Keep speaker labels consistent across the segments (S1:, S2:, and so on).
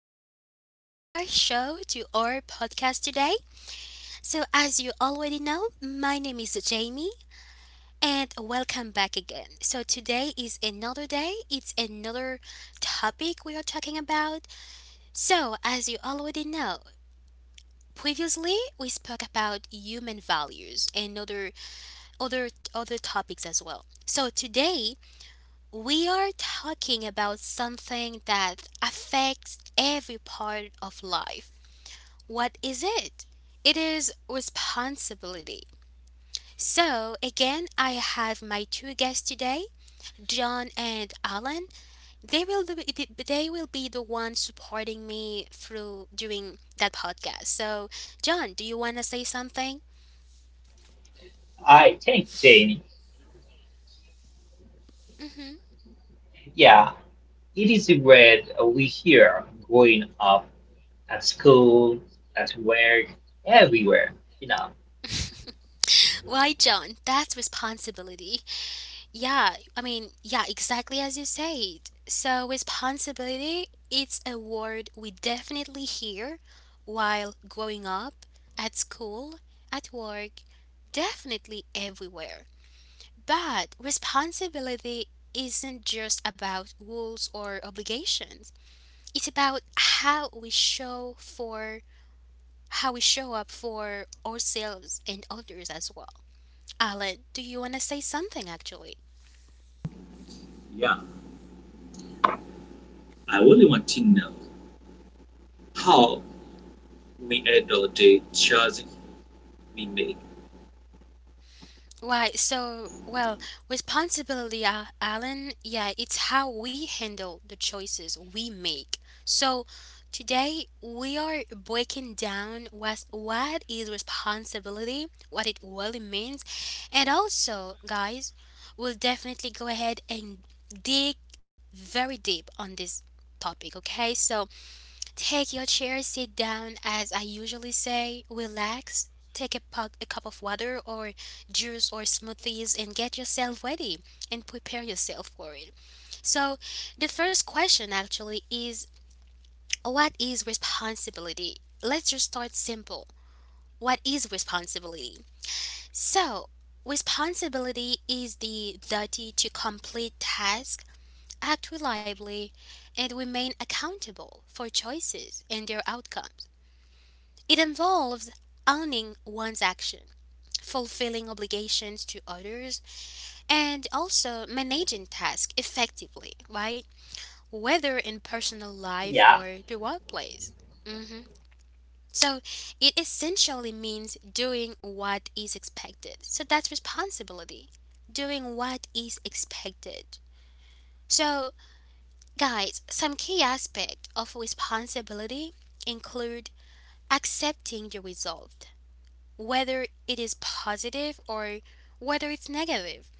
S1: Welcome back to our show, to our podcast today. So, as you already know, my name is Jamie, and welcome back again. So, today is another day, it's another topic we are talking about. So, as you already know, previously we spoke about human values and other topics as well, so today we are talking about something that affects every part of life. What is it? It is responsibility. So, again, I have my two guests today, John and Alan. They will be, they will be the ones supporting me through during that podcast. So, John, do you want to say something?
S2: I thank Jane.
S1: Hmm.
S2: Yeah, it is what we hear growing up at school, at work, everywhere. You know.
S1: Why, John? That's responsibility. Yeah, I mean, yeah, exactly as you said. So, responsibility, it's a word we definitely hear while growing up, at school, at work, definitely everywhere. But responsibility isn't just about rules or obligations. It's about how we show up for ourselves and others as well. Alan, do you want to say something actually?
S3: Yeah, I really want to know how we handle the choices we make.
S1: Why, so, well, responsibility, Alan, yeah, it's how we handle the choices we make. So, today we are breaking down what is responsibility, what it really means, and also, guys, we'll definitely go ahead and dig very deep on this topic, okay? So, take your chair, sit down, as I usually say, relax, take a cup of water or juice or smoothies and get yourself ready and prepare yourself for it. So, the first question actually is, what is responsibility? Let's just start simple. What is responsibility? So, responsibility is the duty to complete tasks, act reliably, and remain accountable for choices and their outcomes. It involves owning one's action, fulfilling obligations to others, and also managing tasks effectively, right? Whether in personal life
S2: Yeah.
S1: or the workplace. Hmm. So it essentially means doing what is expected. So that's responsibility, doing what is expected. So, guys, some key aspects of responsibility include accepting the result, whether it is positive or whether it's negative.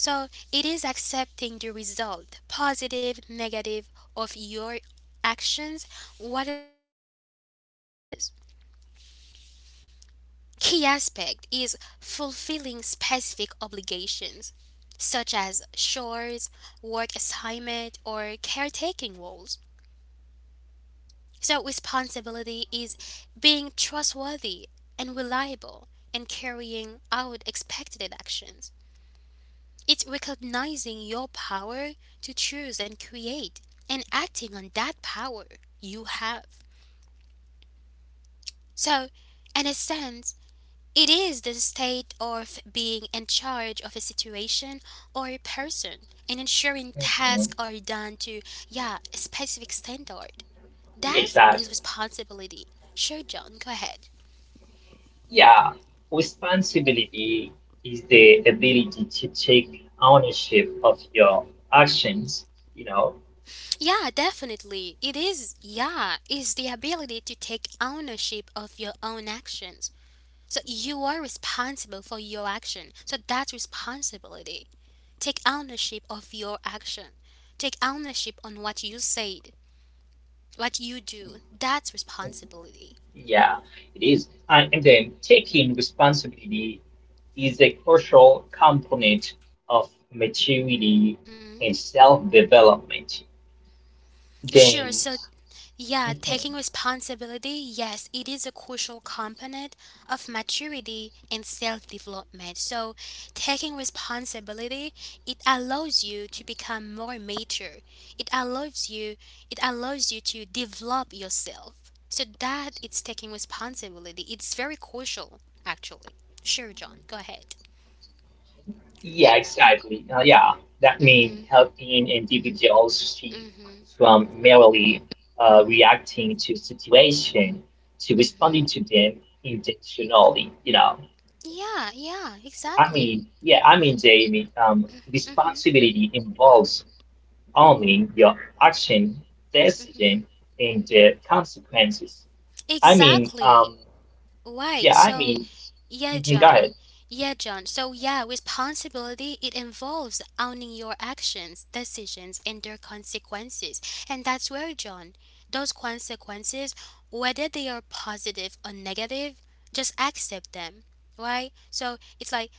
S1: So it is accepting the result, positive, negative, of your actions rather than making excuses. Key aspect is fulfilling specific obligations, such as chores, work assignment, or caretaking roles. So responsibility is being trustworthy and reliable and carrying out expected actions. It's recognizing your power to choose and create and acting on that power you have. So, in a sense, it is the state of being in charge of a situation or a person and ensuring
S2: Mhm.
S1: tasks are done to, yeah, a specific standard. That is
S2: Exactly.
S1: responsibility. Sure, John, go ahead.
S2: Yeah. Responsibility is the ability to take ownership of your actions. You know.
S1: Yeah, definitely. It is, yeah, is the ability to take ownership of your own actions. So you are responsible for your action. So that's responsibility. Take ownership of your action. Take ownership on what you said, what you do. That's responsibility.
S2: Yeah, it is. And then taking responsibility is a crucial component of maturity
S1: Hmm.
S2: and self-development.
S1: Sure. So,
S2: James.
S1: yeah,
S2: Mhm.
S1: taking responsibility, yes, it is a crucial component of maturity and self development. So, taking responsibility, it allows you to become more mature. It allows you it allows you to develop yourself. So that it's taking responsibility. It's very crucial actually. Sure, John, go
S2: Yeah,
S1: ahead.
S2: exactly. Yeah, that means helping
S1: Mhm.
S2: individuals shift from merely
S1: Mhm.
S2: reacting to situation to responding to them
S1: Mhm.
S2: intentionally.
S1: Yeah, yeah, exactly.
S2: Jamie,
S1: Mhm.
S2: responsibility involves owning your action,
S1: Mhm.
S2: decision, and the consequences. I mean,
S1: Exactly. Why?
S2: yeah, I
S1: So,
S2: mean,
S1: yeah,
S2: mhm, go
S1: John. Yeah, John. So, yeah, responsibility, it involves owning your actions, decisions, and their consequences. And that's where, John, those consequences, whether they are positive or negative, just accept them, right? So, it's like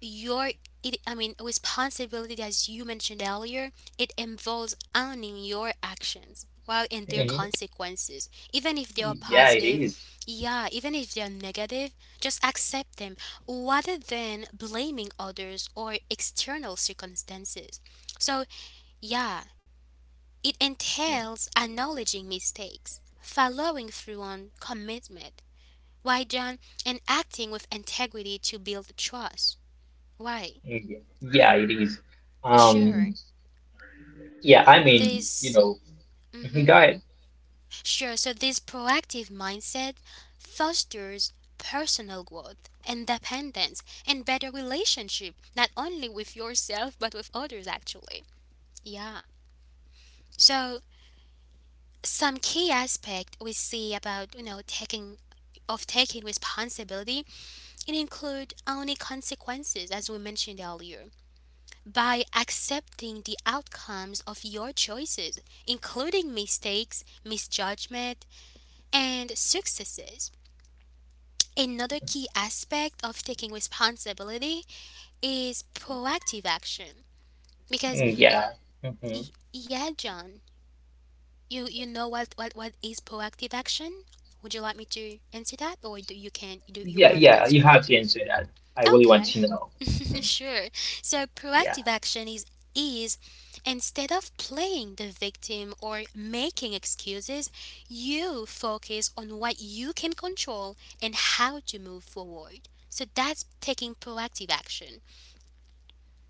S1: your it, I mean, responsibility, as you mentioned earlier, it involves owning your actions while and their
S2: ahead.
S1: consequences. Even if they are
S2: Yeah, it
S1: positive,
S2: is.
S1: yeah, even if they are negative, just accept them rather than blaming others or external circumstances. So, yeah, it entails acknowledging mistakes, following through on commitment, why John, and acting with integrity to build trust. Why?
S2: Yeah, yeah, it is.
S1: Sure.
S2: Um, yeah, I mean, you
S1: This,
S2: know, mhm,
S1: hmm
S2: go ahead.
S1: sure, so this proactive mindset fosters personal growth, independence, and better relationship, not only with yourself, but with others actually. Yeah. So, some key aspect we see about, taking responsibility, it include only consequences, as we mentioned earlier, by accepting the outcomes of your choices, including mistakes, misjudgment, and successes. Another key aspect of taking responsibility is proactive action. Because,
S2: Mm. Yeah. Hmm.
S1: y- yeah, John, you know what is proactive action? Would you like me to answer that, or do you
S2: Yeah,
S1: want to
S2: yeah, you
S1: answer it?
S2: have to answer that. I really want
S1: Okay,
S2: to know. Mm.
S1: sure. So
S2: Yeah.
S1: proactive action is is instead of playing the victim or making excuses, you focus on what you can control and how to move forward. So that's taking proactive action.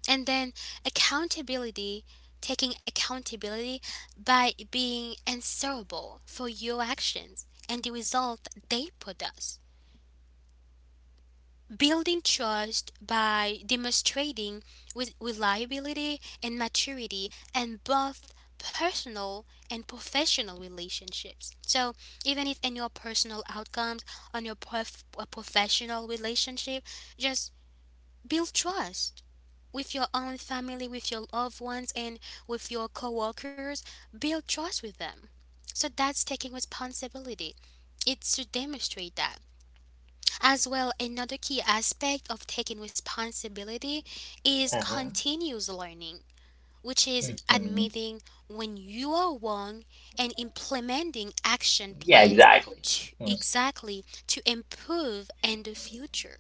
S1: And then accountability, taking accountability by being answerable for your actions and the result they produce. Building trust by demonstrating with reliability and maturity in both personal and professional relationships. So, even if in your personal outcomes, on your professional relationship, just build trust with your own family, with your loved ones, and with your coworkers. Build trust with them. So, that's taking responsibility. It's to demonstrate that. As well, another key aspect of taking responsibility is
S2: Uh-huh.
S1: continuous learning, which is
S2: Hmm.
S1: admitting when you are wrong and implementing action
S2: Yeah,
S1: plans
S2: exactly.
S1: to
S2: Mm-hmm.
S1: exactly to improve in the future.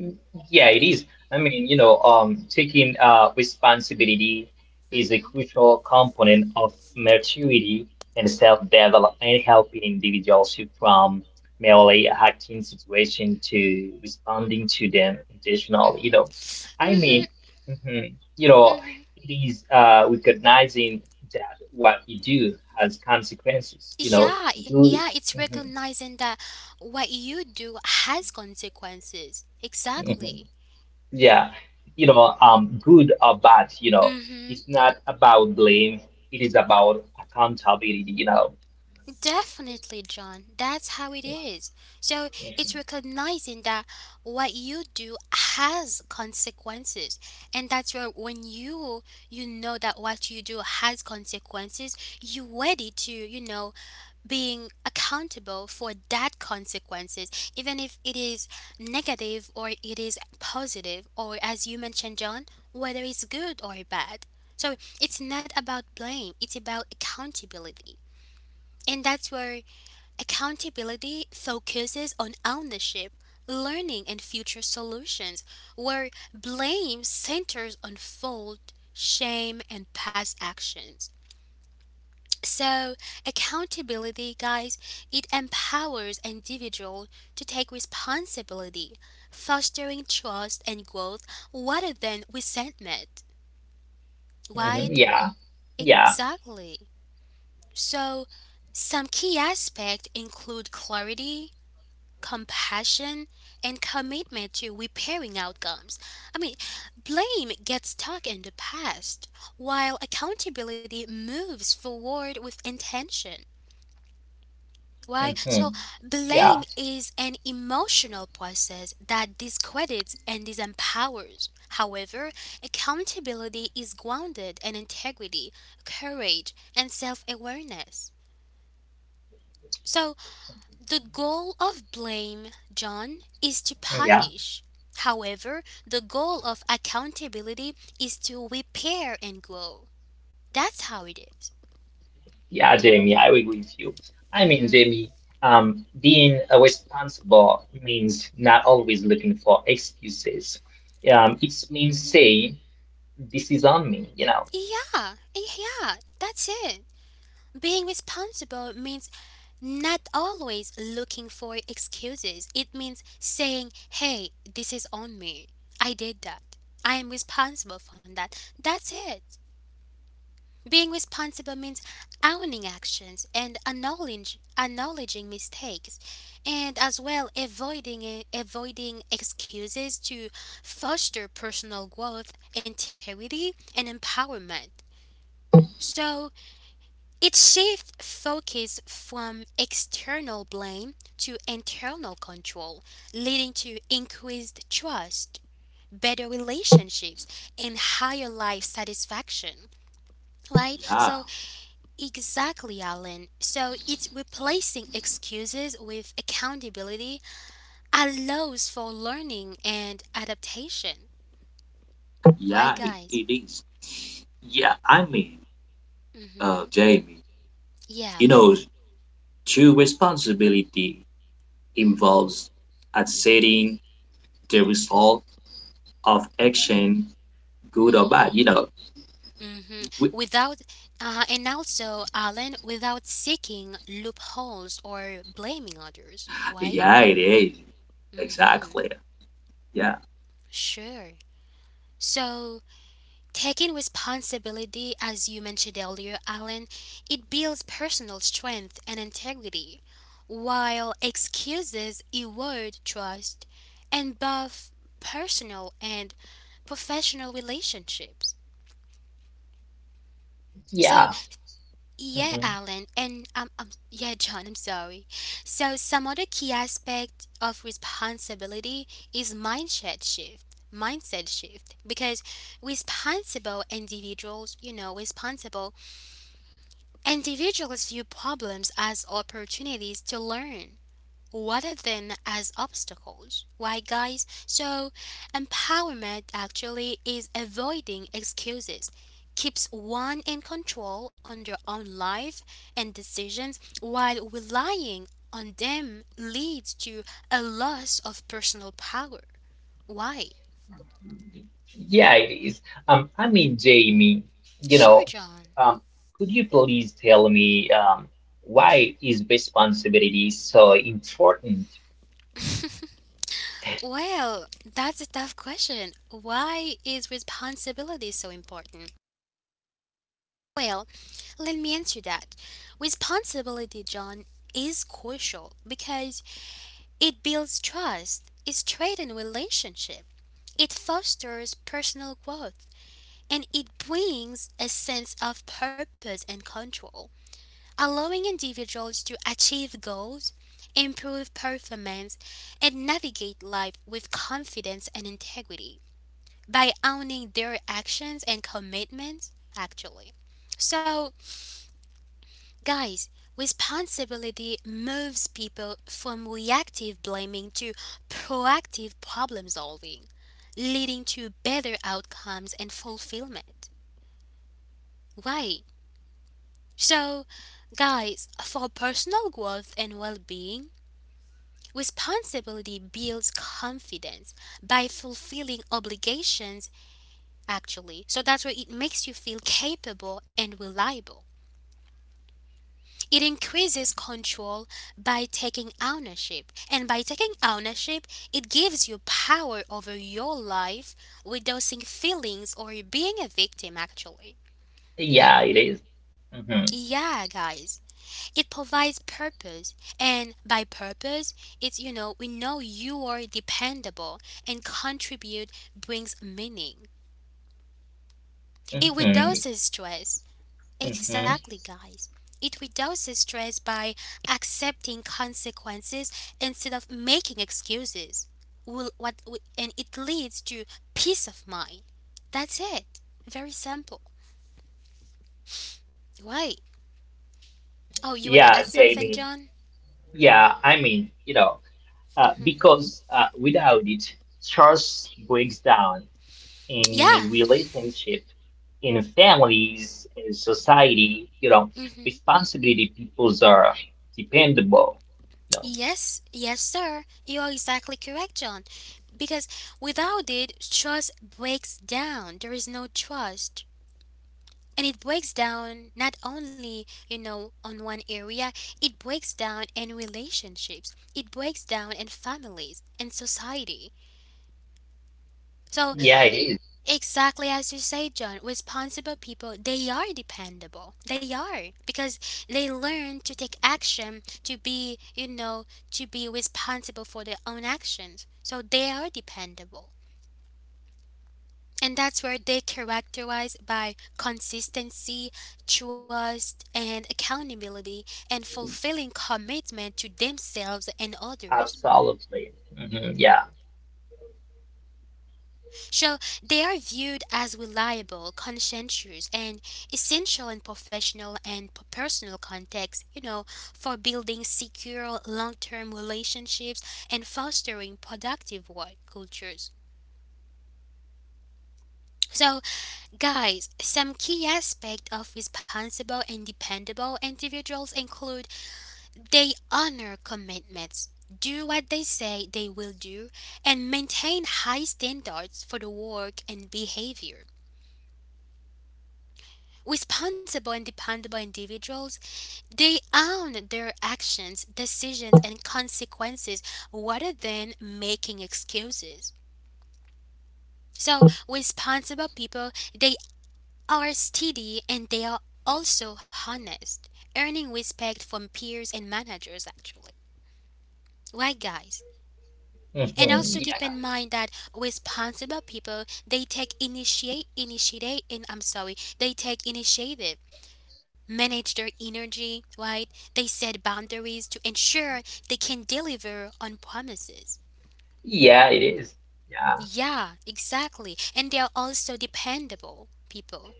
S2: Mm. Yeah, it is. Taking responsibility is a
S1: Mhm.
S2: crucial component of maturity and self-development, helping individuals shift from merely acting situation to responding to them intentionally.
S1: Mhm.
S2: I mean,
S1: Mhm.
S2: mhm, you know,
S1: Mhm.
S2: it is recognizing that what you do has consequences.
S1: Yeah,
S2: Good.
S1: yeah, it's
S2: mhm,
S1: recognizing that what you do has consequences.
S2: mhm.
S1: Exactly.
S2: Yeah, good or bad,
S1: Mhm.
S2: it's not about blame. It is about accountability,
S1: Definitely, John. That's how it is. So it's recognizing that what you do has consequences, and that's where when you know that what you do has consequences, you ready to, being accountable for that consequences, even if it is negative or it is positive, or as you mentioned, John, whether it's good or bad. So it's not about blame; it's about accountability, and that's where accountability focuses on ownership, learning, and future solutions, where blame centers on fault, shame, and past actions. So, accountability, guys, it empowers individuals to take responsibility, fostering trust and growth rather than resentment.
S2: Hmm. Hmm.
S1: Right?
S2: Yeah, yeah,
S1: Exactly. So, some key aspects include clarity, compassion, and commitment to repairing outcomes. I mean, blame gets stuck in the past, while accountability moves forward with intention. Why?
S2: hmm,
S1: So, blame
S2: yeah,
S1: is an emotional process that discredits and disempowers. However, accountability is grounded in integrity, courage, and self awareness. So, the goal of blame, John, is to
S2: yeah,
S1: punish. However, the goal of accountability is to repair and grow. That's how it is.
S2: yeah, Jamie, I agree with you. I mean,
S1: Mm-hmm.
S2: Jamie, being responsible means not always looking for excuses. It means
S1: Mm-hmm.
S2: saying, this is on me,
S1: Yeah, yeah, that's it. Being responsible means not always looking for excuses. It means saying, hey, this is on me. I did that. I am responsible for that. That's it. Being responsible means owning actions and acknowledging mistakes, and as well avoiding avoiding excuses to foster personal growth, integrity, and empowerment. So it shifts focus from external blame to internal control, leading to increased trust, better relationships, and higher life satisfaction. Right?
S3: Yeah,
S1: So, exactly, Alan. So it's replacing excuses with accountability allows for learning and adaptation. Right,
S3: yeah, it,
S1: guys?
S3: it is. Yeah, I mean,
S1: Mm-hmm.
S3: Jamie,
S1: Yeah,
S3: you
S1: Alan.
S3: know, true responsibility
S1: Mm-hmm.
S3: involves
S1: Mm-hmm.
S3: accepting the result of action, good or bad. You know, we,
S1: Mm-hmm. Without, And also, Alan, without seeking loopholes or blaming others. Right?
S3: yeah, it is
S1: Mm-hmm.
S3: exactly. Yeah,
S1: Sure. So, taking responsibility, as you mentioned earlier, Alan, it builds personal strength and integrity, while excuses erode trust and buff personal and professional relationships. So,
S2: Yeah.
S1: yeah,
S2: Mm-hmm.
S1: Alan, and yeah, John, I'm sorry. So, some other key aspect of responsibility is mindset shift. Mindset shift because responsible individuals, you know, responsible individuals view problems as opportunities to learn rather than as obstacles. Why, guys? So, empowerment actually is avoiding excuses, keeps one in control on their own life and decisions, while relying on them leads to a loss of personal power. Why?
S2: Yeah, it is. I mean, Jamie, you
S1: Sure,
S2: know,
S1: John.
S2: um, could you please tell me why is responsibility so important?
S1: Well, that's a tough question. Why is responsibility so important? Well, let me answer that. Responsibility, John, is crucial because it builds trust, it strengthens relationship, it fosters personal growth, and it brings a sense of purpose and control, allowing individuals to achieve goals, improve performance, and navigate life with confidence and integrity by owning their actions and commitments, actually. So, guys, responsibility moves people from reactive blaming to proactive problem solving, leading to better outcomes and fulfillment. Why? So, guys, for personal growth and well being, responsibility builds confidence by fulfilling obligations, actually. So that's where it makes you feel capable and reliable. It increases control by taking ownership, and by taking ownership, it gives you power over your life without seeing feelings or being a victim actually.
S2: Yeah, it is. Mhm,
S1: Yeah, guys. It provides purpose, and by purpose, it's, we know you are dependable and contribute brings meaning. It
S2: mhm,
S1: reduces stress.
S2: mhm.
S1: Exactly, guys. It reduces stress by accepting consequences instead of making excuses. And it leads to peace of mind. That's it. Very simple. Right. Oh, you wanna
S2: Yeah,
S1: add something,
S2: Jamie.
S1: John?
S2: Yeah, I mean, you know,
S1: Hmm.
S2: because without it, trust breaks down. In
S1: Yeah.
S2: relationship, in families, in society,
S1: Hmm.
S2: responsibility peoples are dependable. No.
S1: Yes. Yes, sir. You are exactly correct, John. Because without it, trust breaks down. There is no trust. And it breaks down not only on one area. It breaks down in relationships, it breaks down in families and society. So
S2: Yeah, it is.
S1: exactly as you say, John, responsible people, they are dependable. They are because they learn to take action to be to be responsible for their own actions, so they are dependable. And that's where they characterize by consistency, trust, and accountability, and fulfilling commitment to themselves and others.
S2: Absolutely. Hmm. Yeah.
S1: So they are viewed as reliable, conscientious, and essential in professional and personal contexts, you know, for building secure long term relationships and fostering productive work cultures. So, guys, some key aspects of responsible and dependable individuals include they honor commitments, do what they say they will do, and maintain high standards for the work and behavior. Responsible and dependable individuals, they own their actions, decisions, and consequences rather than making excuses. So, responsible people, they are steady and they are also honest, earning respect from peers and managers actually. Right, guys? And
S2: Hmm.
S1: also keep in
S2: Yeah.
S1: mind that responsible people they take initiate initiate and I'm sorry, they take initiative, manage their energy, right? They set boundaries to ensure they can deliver on promises.
S2: Yeah, it is. Yeah.
S1: Yeah, exactly. And they are also dependable people.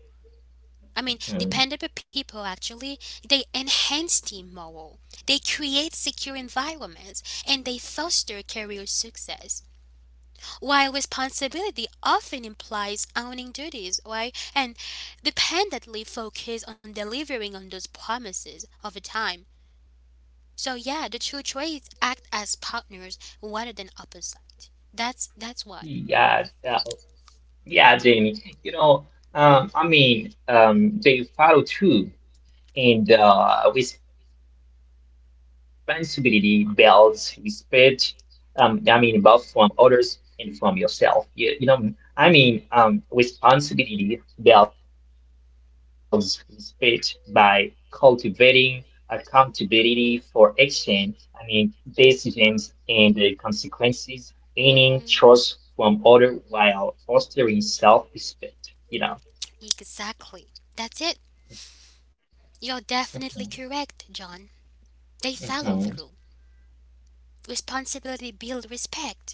S1: I mean,
S2: Hmm.
S1: dependable people actually, they enhance team morale, they create secure environments, and they foster career success. While responsibility often implies owning duties, right, and dependently focus on delivering on those promises over time. So yeah, the true traits act as partners rather than opposite. That's why.
S2: Yeah. Yeah, yeah, Jamie. You know, they follow through, and responsibility builds respect. I mean, both from others and from yourself. You know, responsibility builds respect by cultivating accountability for action. I mean, decisions and the consequences, gaining trust
S1: Hmm.
S2: from others while fostering self-respect.
S1: Exactly. That's it. You're definitely
S2: Mhm.
S1: correct, John. They follow
S2: Mhm.
S1: through. Responsibility builds respect,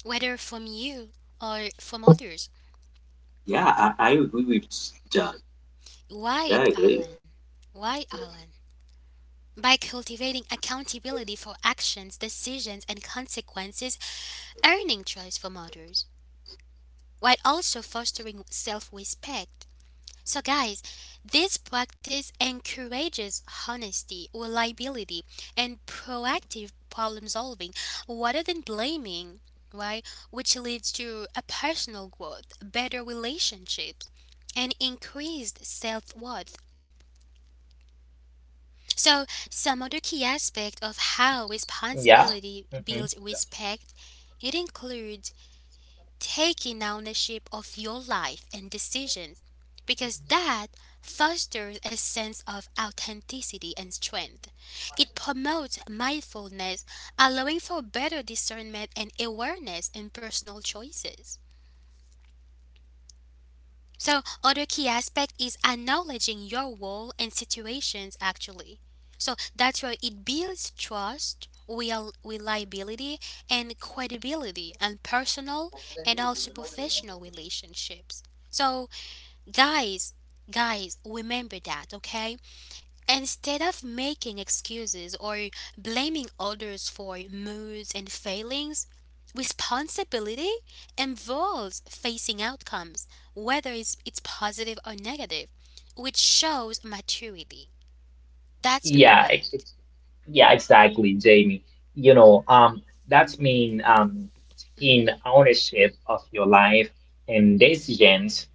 S1: whether from you or from others.
S3: yeah, I agree with John. Yeah,
S1: Why,
S3: it is.
S1: Alan? Why, Alan? By cultivating accountability for actions, decisions, and consequences, earning trust from others, while also fostering self respect. So, guys, this practice encourages honesty, reliability, and proactive problem solving rather than blaming, right? Which leads to a personal growth, better relationships, and increased self worth. So, some other key
S2: Yeah.
S1: aspect of
S2: Mhm.
S1: how responsibility builds respect, it includes taking ownership of your life and decisions because that fosters a sense of authenticity and strength. It promotes mindfulness, allowing for better discernment and awareness in personal choices. So, other key aspect is acknowledging your role and situations actually. So, that's where it builds trust, real reliability, and credibility and personal and also professional relationships. So, guys, guys, remember that, okay? Instead of making excuses or blaming others for moods and failings, responsibility involves facing outcomes, whether it's positive or negative, which shows maturity. That's the
S2: Yeah.
S1: point.
S2: Yeah, exactly, Jamie. You know, um, that's mean taking
S1: Mm-hmm.
S2: ownership of your life and decisions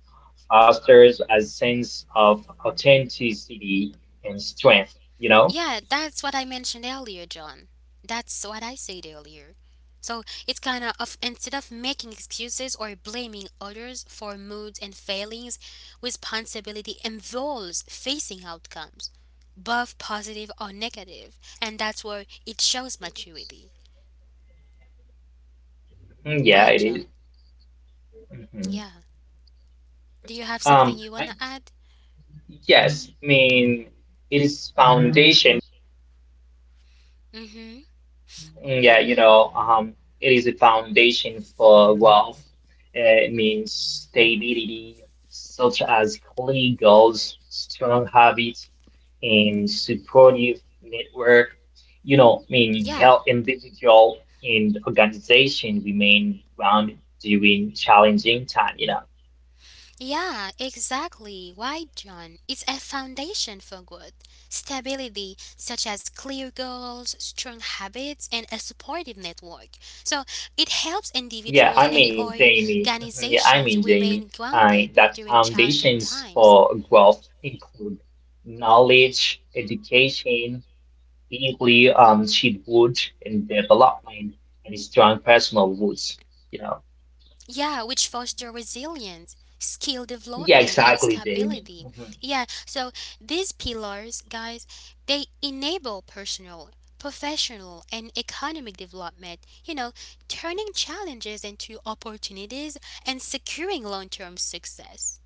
S2: fosters a sense of authenticity and strength.
S1: Yeah, that's what I mentioned earlier, John. That's what I said earlier. So it's kind of instead of making excuses or blaming others for moods and failings, responsibility involves facing outcomes, both positive or negative, and that's where it shows maturity.
S2: Mm. Yeah,
S1: Why,
S2: it
S1: John?
S2: is. Mhm.
S1: Yeah. Do you have something
S2: Um,
S1: you
S2: I,
S1: wanna add?
S2: yes, I mean, it is foundation.
S1: Mm-hmm.
S2: Mm. Yeah, it is a foundation for wealth. It means stability, such as
S1: Mm-hmm.
S2: clear goals, strong habits, and supportive network. I mean,
S1: Yeah.
S2: help individual and organization remain grounded during challenging time.
S1: Yeah, exactly. Why, John? It's a foundation for growth. Stability, such as clear goals, strong habits, and a supportive network. So it helps
S2: Yeah,
S1: individuals
S2: I
S1: and
S2: mean, Jamie. Mhm. Yeah, I
S1: organizations
S2: mean, Jamie.
S1: remain
S2: I
S1: grounded
S2: that
S1: during challenging
S2: foundations
S1: times.
S2: for growth include knowledge, education deeply she would in development and strong personal woods, you know.
S1: Yeah, which foster resilience, skill
S2: Yeah,
S1: development, and
S2: exactly, Jamie.
S1: stability.
S2: Mhm.
S1: Yeah, so these pillars, guys, they enable personal, professional, and economic development, you know, turning challenges into opportunities and securing long term success.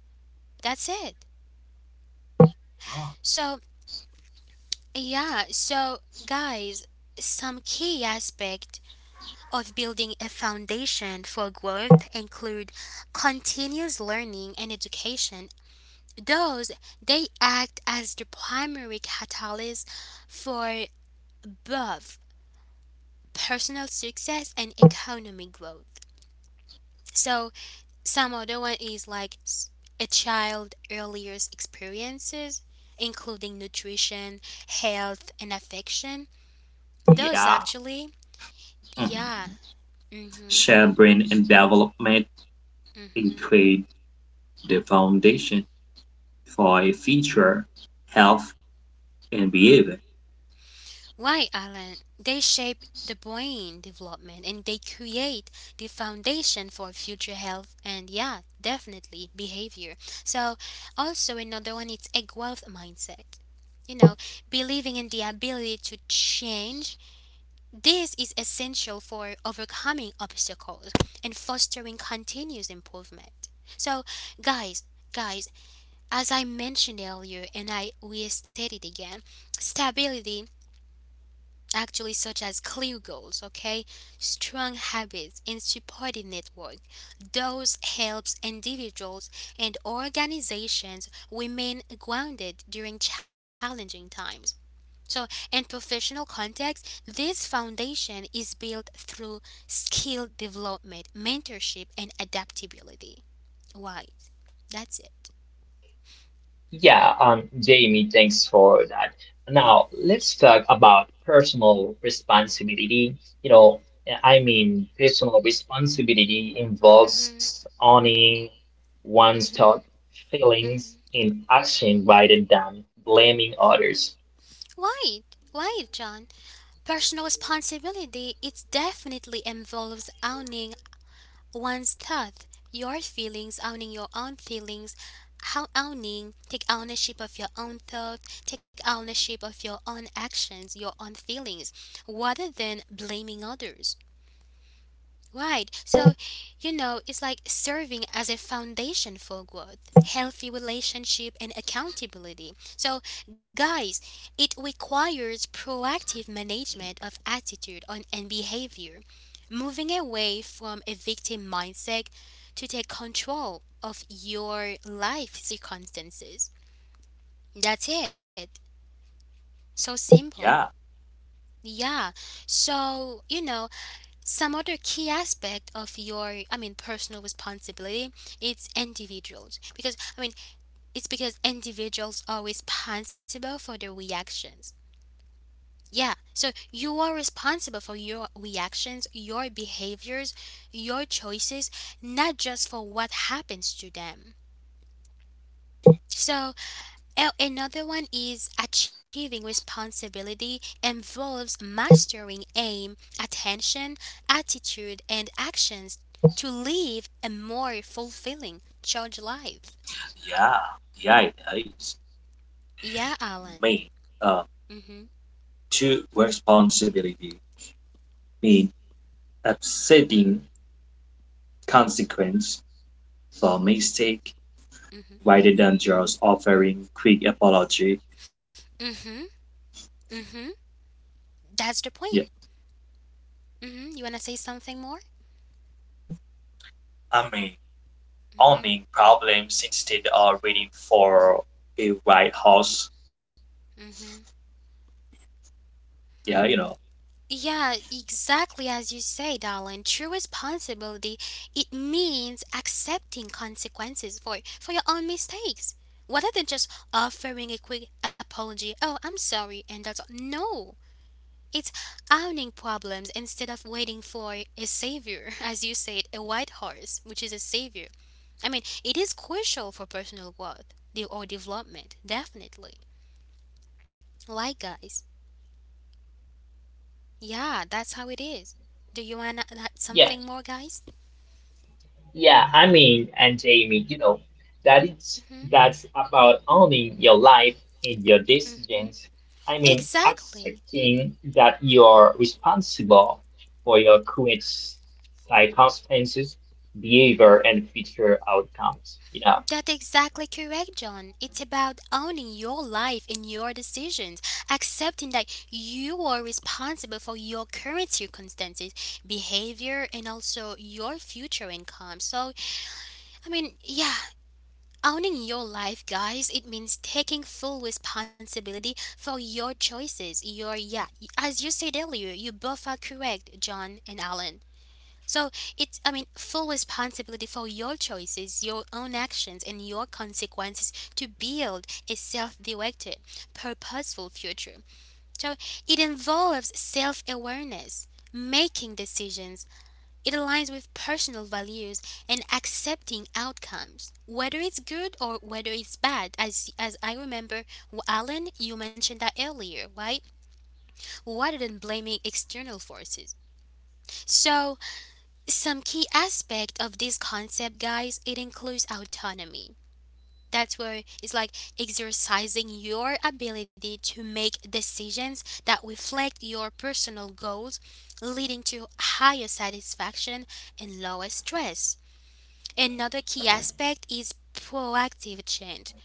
S1: That's it. So, yeah, so guys, some key aspect of building a foundation for growth include continuous learning and education. Those, they act as the primary catalyst for both personal success and economic growth. So, some other one is like a child earlier experiences, including nutrition, health, and affection. Those
S3: Yeah.
S1: actually,
S3: Mhm.
S1: yeah. Mm-hmm.
S3: Shared brain and development
S1: Mm-hmm.
S3: include the foundation for a future health and behavior.
S1: Why, Alan, they shape the brain development and they create the foundation for future health and, yeah, definitely behavior. So, also another one, it's a growth mindset. You know, believing in the ability to change. This is essential for overcoming obstacles and fostering continuous improvement. So, guys, guys, as I mentioned earlier and I restated again, stability actually such as clear goals, okay, strong habits and supportive network, those helps individuals and organizations remain grounded during challenging times. So in professional context this foundation is built through skill development, mentorship, and adaptability, right? That's it.
S2: Yeah, Jamie, thanks for that. Now let's talk about personal responsibility. You know, I mean, personal responsibility
S1: Mhm.
S2: involves owning one's
S1: Mhm.
S2: thoughts, feelings,
S1: Mhm.
S2: and action rather than blaming others.
S1: Right right, John. Personal responsibility, it definitely involves owning one's thoughts, your feelings, owning your own feelings, how owning, take ownership of your own thoughts, take ownership of your own actions, your own feelings, rather than blaming others. Right. So, you know, it's like serving as a foundation for growth, healthy relationship, and accountability. So, guys, it requires proactive management of attitude on, and behavior, moving away from a victim mindset to take control of your life circumstances. That's it. So simple.
S3: Yeah,
S1: Yeah. So, you know, some other key aspect of your, I mean, personal responsibility, it's individuals. Because, I mean, it's because individuals are responsible for their reactions. Yeah, so you are responsible for your reactions, your behaviors, your choices, not just for what happens to them. So, oh, another one is achieving responsibility involves mastering aim, attention, attitude, and actions to live a more fulfilling, charged life.
S3: yeah, yeah, it is.
S1: Yeah, Alan.
S3: Mean uh,
S1: Mhm.
S3: to responsibility mean upsetting consequence for mistake
S1: Mhm.
S3: rather than just offering quick apology.
S1: Mhm. Mhm. That's the point.
S3: Yeah,
S1: Mhm. You wanna say something more?
S3: I mean
S1: Mhm.
S3: owning problems instead of waiting for a right horse.
S1: Mhm.
S3: Yeah, you know.
S1: Yeah, exactly as you say, darling. True responsibility, it means accepting consequences for your own mistakes. Rather than just offering a quick apology, oh, I'm sorry, and that's all. No. It's owning problems instead of waiting for a savior, as you said, a white horse, which is a savior. I mean, it is crucial for personal growth or development, definitely. Like, guys. Yeah, that's how it is. Do you want to add
S2: Yeah.
S1: something more, guys?
S2: Yeah, I mean, and Jamie, that it's
S1: Mhm,
S2: that's about owning your life and your
S1: mhm.
S2: decisions. I mean,
S1: Exactly.
S2: accepting that you're responsible for your current circumstances, behavior,
S1: Mhm.
S2: and future outcomes. Yeah,
S1: That's exactly correct, John. It's about owning your life and your decisions, accepting that you are responsible for your current circumstances, behavior, and also your future income. So, I mean, yeah, owning your life, guys, it means taking full responsibility for your choices. Your, yeah, as you said earlier, you both are correct, John and Alan. So it's, I mean, full responsibility for your choices, your own actions, and your consequences to build a self directed, purposeful future. So it involves self awareness, making decisions, it aligns with personal values, and accepting outcomes, whether it's good or whether it's bad. As I remember, Alan, you mentioned that earlier, right? Rather than blaming external forces. So, some key aspect of this concept, guys, it includes autonomy. That's where it's like exercising your ability to make decisions that reflect your personal goals, leading to higher satisfaction and lower stress. Another key aspect is proactive change.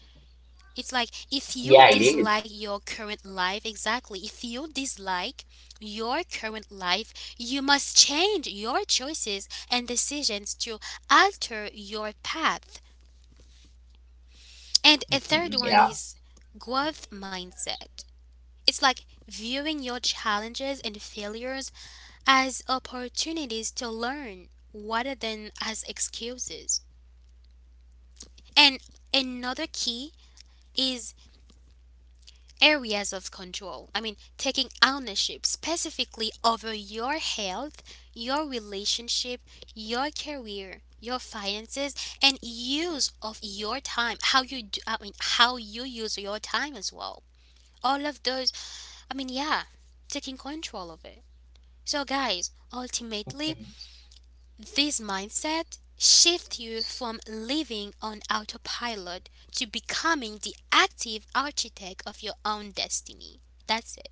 S1: It's like if you
S2: yeah, it is.
S1: dislike your current life, exactly, if you dislike your current life, you must change your choices and decisions to alter your path. And a
S2: Mhm.
S1: third one
S2: Yeah.
S1: is growth mindset. It's like viewing your challenges and failures as opportunities to learn rather than as excuses. And another key is areas of control. I mean, taking ownership specifically over your health, your relationship, your career, your finances, and use of your time. How you do, I mean, how you use your time as well. All of those. I mean, yeah, taking control of it. So, guys, ultimately,
S2: Mhm.
S1: this mindset shifts you from living on autopilot to becoming the active architect of your own destiny. That's it.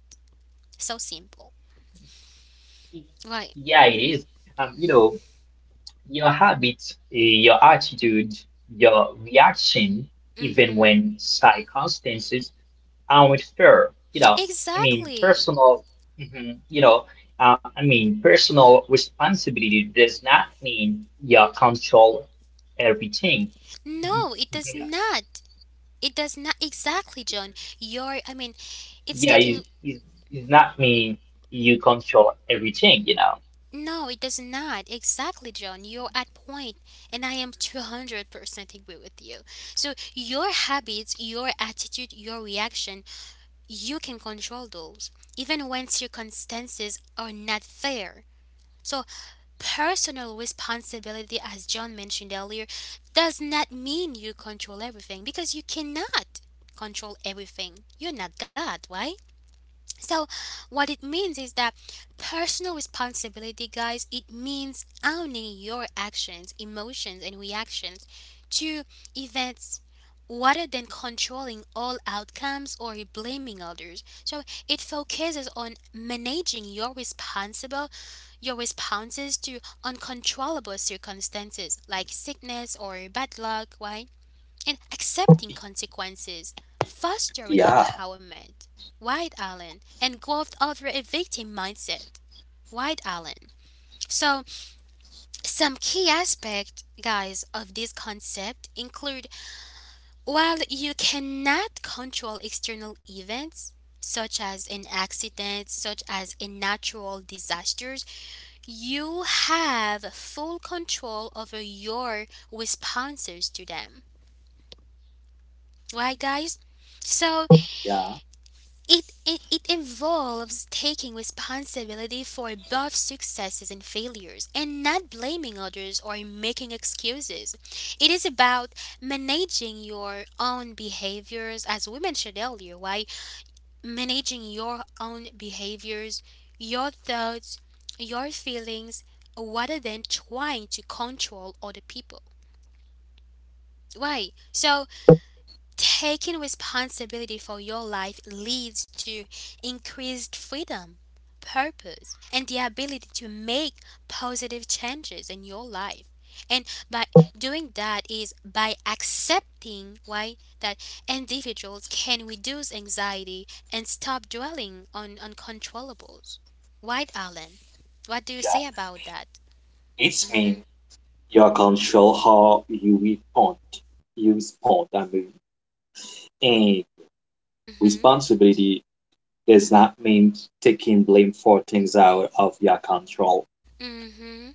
S1: So simple. Right.
S2: Yeah, it is. Um, you know, your habits, your attitude, your reaction, even
S1: Mm-hmm.
S2: when circumstances I'm with her. I mean,
S1: Exactly.
S2: personal, mhm, you know, I mean,
S1: Yeah.
S2: personal responsibility does not mean you control everything. Mhm.
S1: No, it does not. It does not exactly, John. You're I mean,
S2: Yeah,
S1: it's
S2: it,
S1: taking
S2: it, it not mean you control everything,
S1: no, it does not. Exactly, John. You're at point and I am 200% agree with you. So, your habits, your attitude, your reaction, you can control those even when circumstances are not fair. So, personal responsibility, as John mentioned earlier, does not mean you control everything because you cannot control everything. You're not God, right? So, what it means is that personal responsibility, guys, it means owning your actions, emotions, and reactions to events rather than controlling all outcomes or blaming others. So, it focuses on managing your responsible. Your responses to uncontrollable circumstances like sickness or bad luck, right? And accepting consequences, fostering
S3: Yeah,
S1: empowerment. Right, Allen, and growth over a victim mindset. Right, Allen? So, some key aspects, guys, of this concept include while you cannot control external events, such as an accident, such as a natural disasters, you have full control over your responses to them. Right, guys? So
S3: yeah,
S1: it involves taking responsibility for both successes and failures and not blaming others or making excuses. It is about managing your own behaviors, as we mentioned earlier, why managing your own behaviors, your thoughts, your feelings, rather than trying to control other people. Right. So taking responsibility for your life leads to increased freedom, purpose, and the ability to make positive changes in your life. And by doing that is by accepting why that individuals can reduce anxiety and stop dwelling on uncontrollables. Right, Alan? What do you
S3: yeah.
S1: say about that?
S3: It's mean you can show how you respond. You respond. I mean, and
S1: Mm-hmm.
S3: responsibility does not mean taking blame for things out of your control,
S1: Mm-hmm.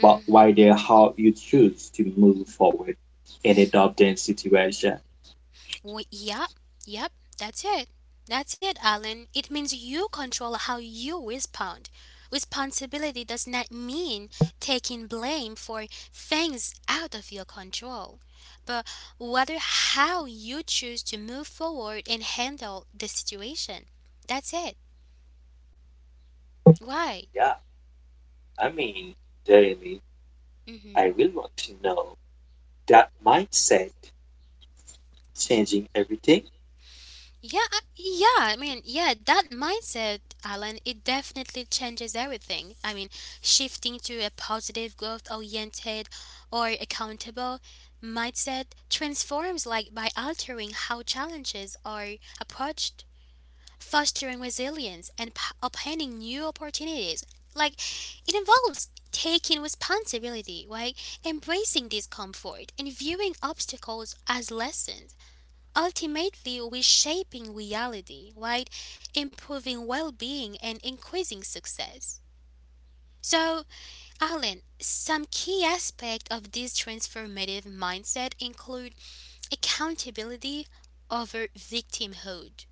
S3: but
S1: Mm-hmm.
S3: rather how you choose to move forward in adopting situation.
S1: We, yep, yep, that's it. That's it, Alan. It means you control how you respond. Responsibility does not mean taking blame for things out of your control, but rather how you choose to move forward and handle the situation. That's it. Why?
S3: Yeah, I mean, Jeremy,
S1: Hmm.
S3: I really want to know that mindset changing everything.
S1: Yeah, yeah. I mean, yeah, that mindset, Alan, it definitely changes everything. I mean, shifting to a positive, growth-oriented, or accountable mindset transforms by altering how challenges are approached, fostering resilience, and opening new opportunities. Like, it involves taking responsibility, right? Embracing discomfort and viewing obstacles as lessons. Ultimately, we shaping reality, right? Improving well being and increasing success. So, Alan, some key aspects of this transformative mindset include accountability over victimhood.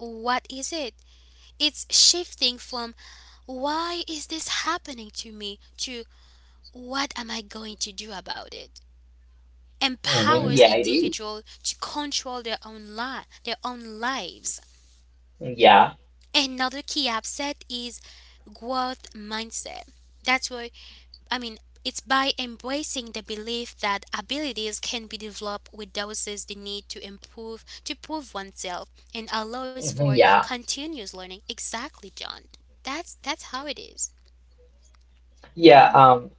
S1: What is it? It's shifting from why is this happening to me to what am I going to do about it?
S2: Mhm.
S1: Empowers
S2: Yeah, it is.
S1: individuals to control their own lives.
S2: Yeah,
S1: Another key upset is growth mindset. That's why, I mean, it's by embracing the belief that abilities can be developed reduces the need to improve, to prove oneself, and allows
S2: mhm,
S1: for
S2: yeah,
S1: continuous learning. Exactly, John. That's how it is.
S2: yeah.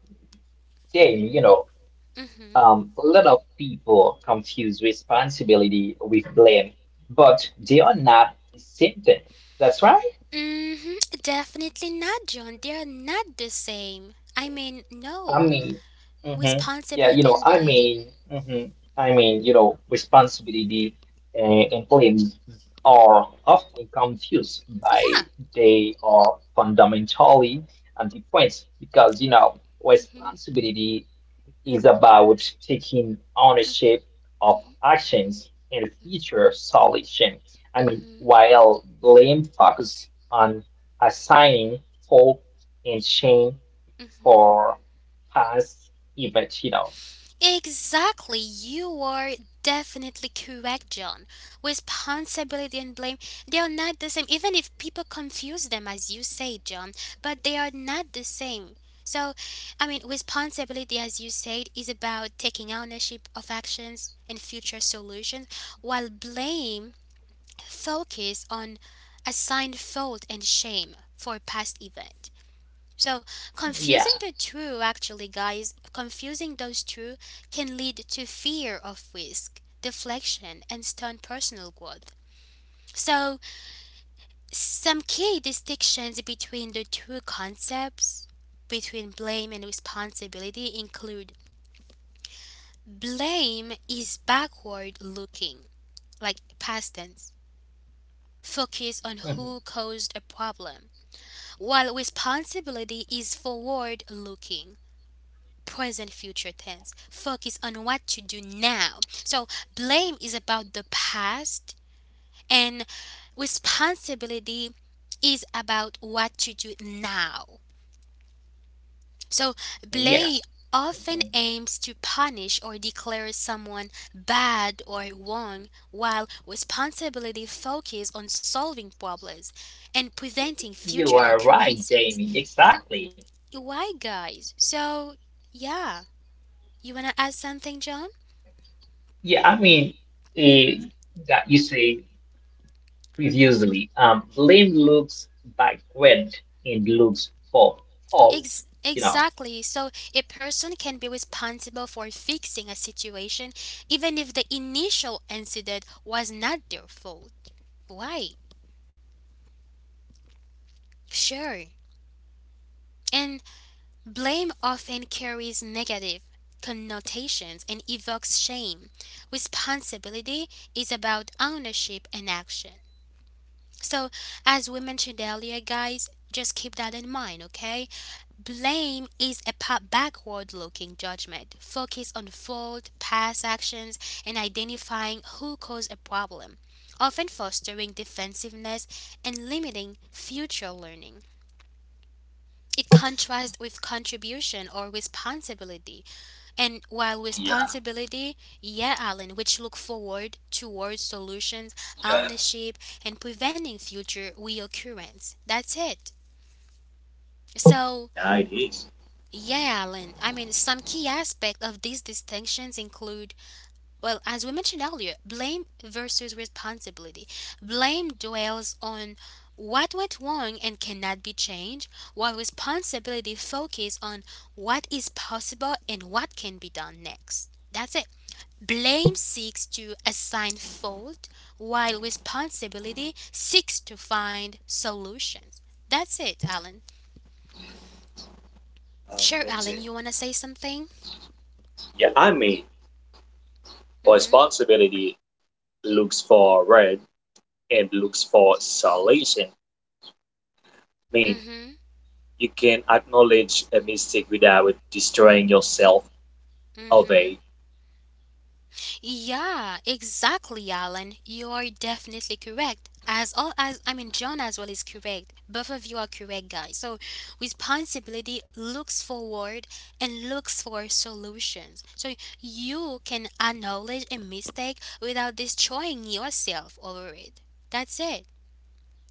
S2: Jay,
S1: Mm-hmm.
S2: a lot of people confuse responsibility with blame, but they are not the same thing. That's right.
S1: Mm-hmm. Definitely not, John. They are not the same. I mean,
S2: I
S1: no.
S2: mean, hmm yeah, you
S1: Responsibility
S2: know,
S1: and
S2: I
S1: blame.
S2: mean, hmm I mean, you know, Responsibility uh, and claims are often confused
S1: Yeah.
S2: by they are fundamentally and different because,
S1: Mm-hmm.
S2: responsibility is about taking ownership of actions and future solution. I mean,
S1: Mm-hmm.
S2: while blame focuses on assigning fault and shame
S1: Mm-hmm.
S2: for past events,
S1: Exactly, you are definitely correct, John. Responsibility and blame, they are not the same, even if people confuse them, as you say, John, but they are not the same. So, I mean, responsibility, as you said, is about taking ownership of actions and future solutions, while blame focus on assigned fault and shame for past events. So,
S2: Yeah.
S1: confusing the two, actually, guys, confusing those two can lead to fear of risk, deflection, and stunt personal growth. So, some key distinctions between the two concepts between blame and responsibility include blame is backward looking, like past tense, focus on who
S2: Mhm.
S1: caused a problem, while responsibility is forward looking present future tense. Focus on what to do now. So blame is about the past and responsibility is about what to do now. So
S2: Yeah.
S1: blame often
S2: Mhm.
S1: aims to punish or declare someone bad or wrong while responsibility focuses on solving problems and preventing future
S2: You are right,
S1: occurrences.
S2: Jamie. Exactly.
S1: Why guys? So yeah, you want to add something, John?
S2: Yeah, I mean, eh, that you say
S1: Y-
S2: previously, blame looks backward and looks for fault, you know.
S1: Exactly. So a person can be responsible for fixing a situation even if the initial incident was not their fault. Right. Sure. And blame often carries negative connotations and evokes shame. Responsibility is about ownership and action. So, as we mentioned earlier, guys, just keep that in mind, okay? Blame is a backward looking judgment. Focus on fault, past actions, and identifying who caused a problem, often fostering defensiveness and limiting future learning. It contrasts with contribution or responsibility and while
S3: Yeah,
S1: responsibility, yeah, Alan, which look forward towards solutions,
S3: yeah,
S1: ownership, and preventing future reoccurrence. That's it. So,
S3: yeah it is.
S1: yeah, Alan, some key aspects of these distinctions include, well, as we mentioned earlier, blame versus responsibility. Blame dwells on what went wrong and cannot be changed, while responsibility focuses on what is possible and what can be done next. That's it. Blame seeks to assign fault, while responsibility seeks to find solutions. That's it, Alan. Sure,
S3: Thank you.
S1: Alan, you want to say something?
S3: Yeah, I mean,
S1: Mm hmm.
S3: responsibility looks forward and looks for solution. I
S1: Mm
S3: mean,
S1: hmm.
S3: you can acknowledge a mistake without destroying yourself
S1: Mm hmm.
S3: away.
S1: Yeah, exactly, Alan. You are definitely correct. As all as John as well is correct. Both of you are correct, guys. So, responsibility looks forward and looks for solutions. So you can acknowledge a mistake without destroying yourself over it. That's it.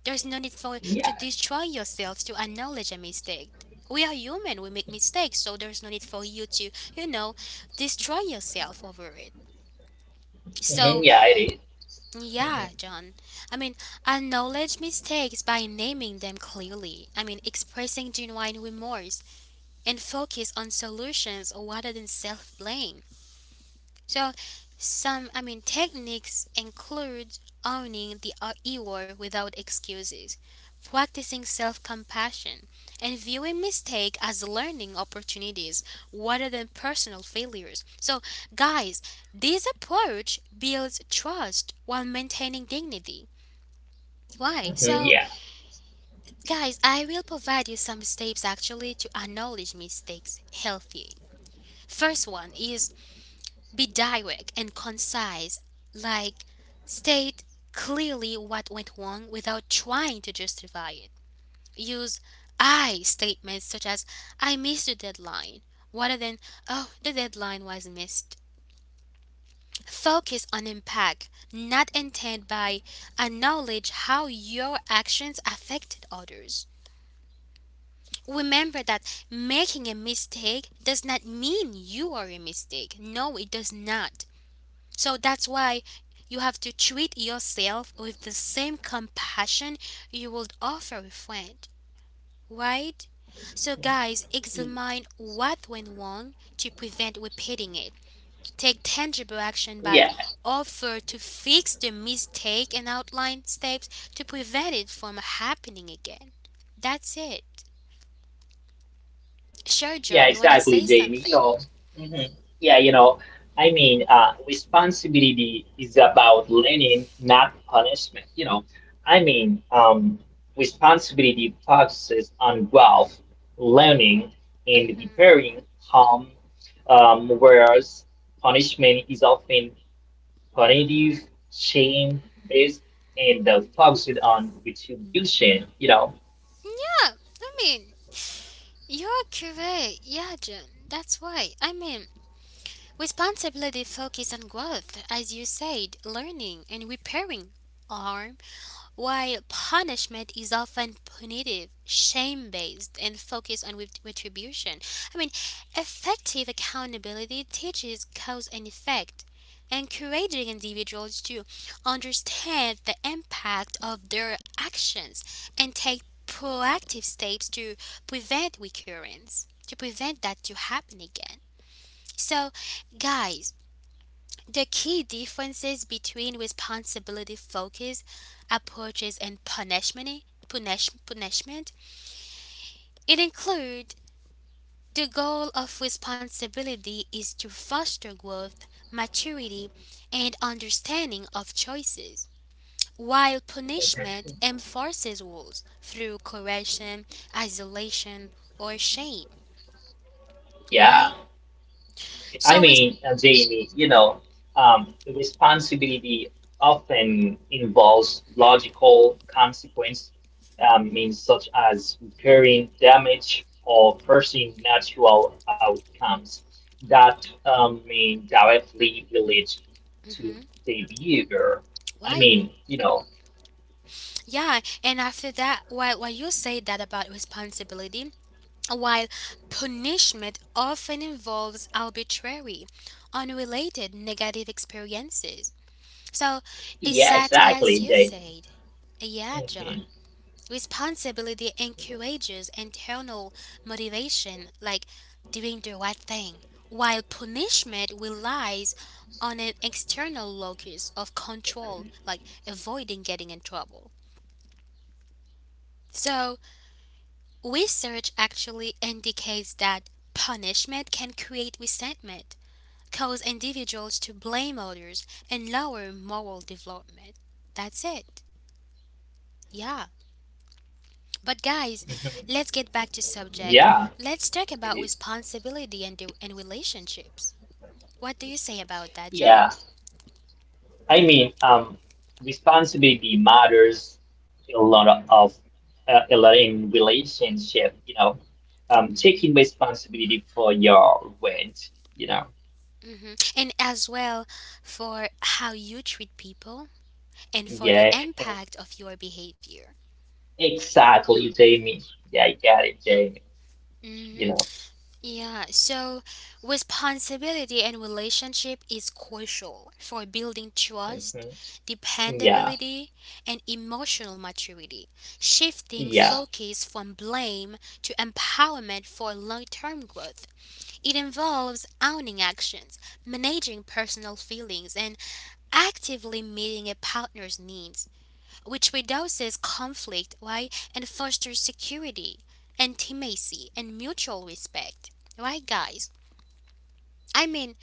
S1: There's no need for to
S2: Yeah.
S1: destroy yourself to acknowledge a mistake. We are human. We make mistakes, so there's no need for you to, destroy yourself over it.
S2: Hmm.
S1: So
S2: Yeah, it is. Mm-hmm.
S1: yeah, John. I mean, acknowledge mistakes by naming them clearly. I mean, expressing genuine remorse and focus on solutions rather than self blame. So, some techniques include owning the error without excuses, practicing self-compassion, and viewing mistake as learning opportunities rather than personal failures. So, guys, this approach builds trust while maintaining dignity. Why?
S2: Hmm.
S1: So,
S2: Yeah.
S1: guys, I will provide you some steps actually to acknowledge mistakes healthy. First one is: Be direct and concise, like state clearly what went wrong without trying to justify it. Use I statements such as I missed the deadline rather than oh, the deadline was missed. Focus on impact, not intent by acknowledge how your actions affected others. Remember that making a mistake does not mean you are a mistake. No, it does not. So that's why you have to treat yourself with the same compassion you would offer a friend, right? So, guys, examine what went wrong to prevent repeating it. Take tangible action
S2: Yeah.
S1: by offer to fix the mistake and outline steps to prevent it from happening again. That's it. Sure,
S2: Yeah,
S1: John, you want to
S2: exactly,
S1: say
S2: Jamie. You
S1: something?
S2: know, mhm. yeah, you know, I mean, Responsibility is about learning, not punishment. I mean, um, responsibility focuses on growth, learning, and
S1: Hmm.
S2: repairing harm, whereas punishment is often punitive, shame based, and focused on retribution.
S1: Yeah, I mean, you're correct. Yeah, John, that's why. I mean, responsibility focuses on growth, as you said, learning and repairing harm, while punishment is often punitive, shame based, and focused on retribution. I mean, effective accountability teaches cause and effect, encouraging individuals to understand the impact of their actions and take proactive steps to prevent recurrence, to prevent that to happen again. So, guys, the key differences between responsibility focused approaches and punishment, punishment it include the goal of responsibility is to foster growth, maturity, and understanding of choices, while punishment enforces rules through correction, isolation, or shame.
S2: Yeah,
S1: Right? So it's
S2: Jamie, responsibility often involves logical consequence, means such as
S1: Mm-hmm.
S2: repairing damage or forcing natural outcomes that mean directly relate to the behavior. I
S1: Why?
S2: mean, you know,
S1: Yeah, and after that, why you say that about responsibility, while punishment often involves arbitrary, unrelated negative experiences. So,
S2: yeah,
S1: exactly
S2: exactly.
S1: as you
S2: Jamie.
S1: said, yeah,
S2: Mhm,
S1: John, responsibility encourages internal motivation, like doing the right thing, while punishment relies on an external locus of control, like avoiding getting in trouble. So, research actually indicates that punishment can create resentment, cause individuals to blame others, and lower moral development. That's it. Yeah.
S2: mhm.
S1: But guys,
S2: Yeah,
S1: let's get back to
S2: it is.
S1: subject. Let's talk about responsibility and relationships. What do you say about that, John?
S2: Yeah. I mean, um, responsibility matters a lot of of, a lot in relationship. Taking responsibility for your rent. You know,
S1: Hmm. And as well for how you treat people and for the
S2: yeah, and
S1: impact of your behavior.
S2: exactly, Jamie. Yeah, I got it, Jamie. You
S1: Mhm.
S2: know,
S1: Yeah, so responsibility and relationship is crucial for building trust,
S2: Mhm. Yeah,
S1: dependability, and emotional maturity, shifting
S2: yeah,
S1: focus from blame to empowerment for long term growth. It involves owning actions, managing personal feelings, and actively meeting a partner's needs, which reduces conflict, right, and fosters security, intimacy, and mutual respect. Right, guys? I mean,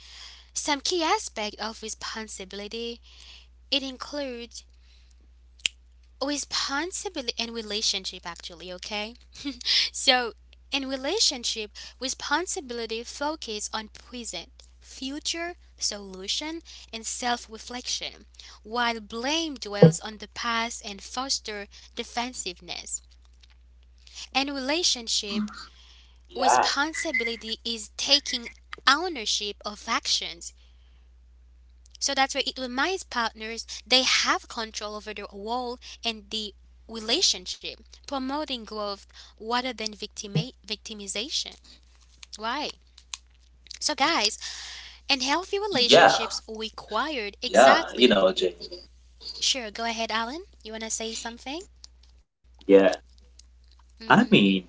S1: some key aspect of responsibility, it includes responsibility and relationship actually, okay? So, in relationship, responsibility focus on present, future solution and self-reflection, while blame dwells on the past and foster defensiveness. In relationship,
S3: Yeah,
S1: responsibility is taking ownership of actions. So that's where it reminds partners they have control over their role and the relationship, promoting growth rather than victimization. Why? So, guys, and healthy
S3: yeah,
S1: relationships required
S3: yeah. You
S1: exactly.
S3: know, James.
S1: Sure, go ahead, Alan. You want to say something?
S3: Yeah. I
S1: Mm-hmm.
S3: mean,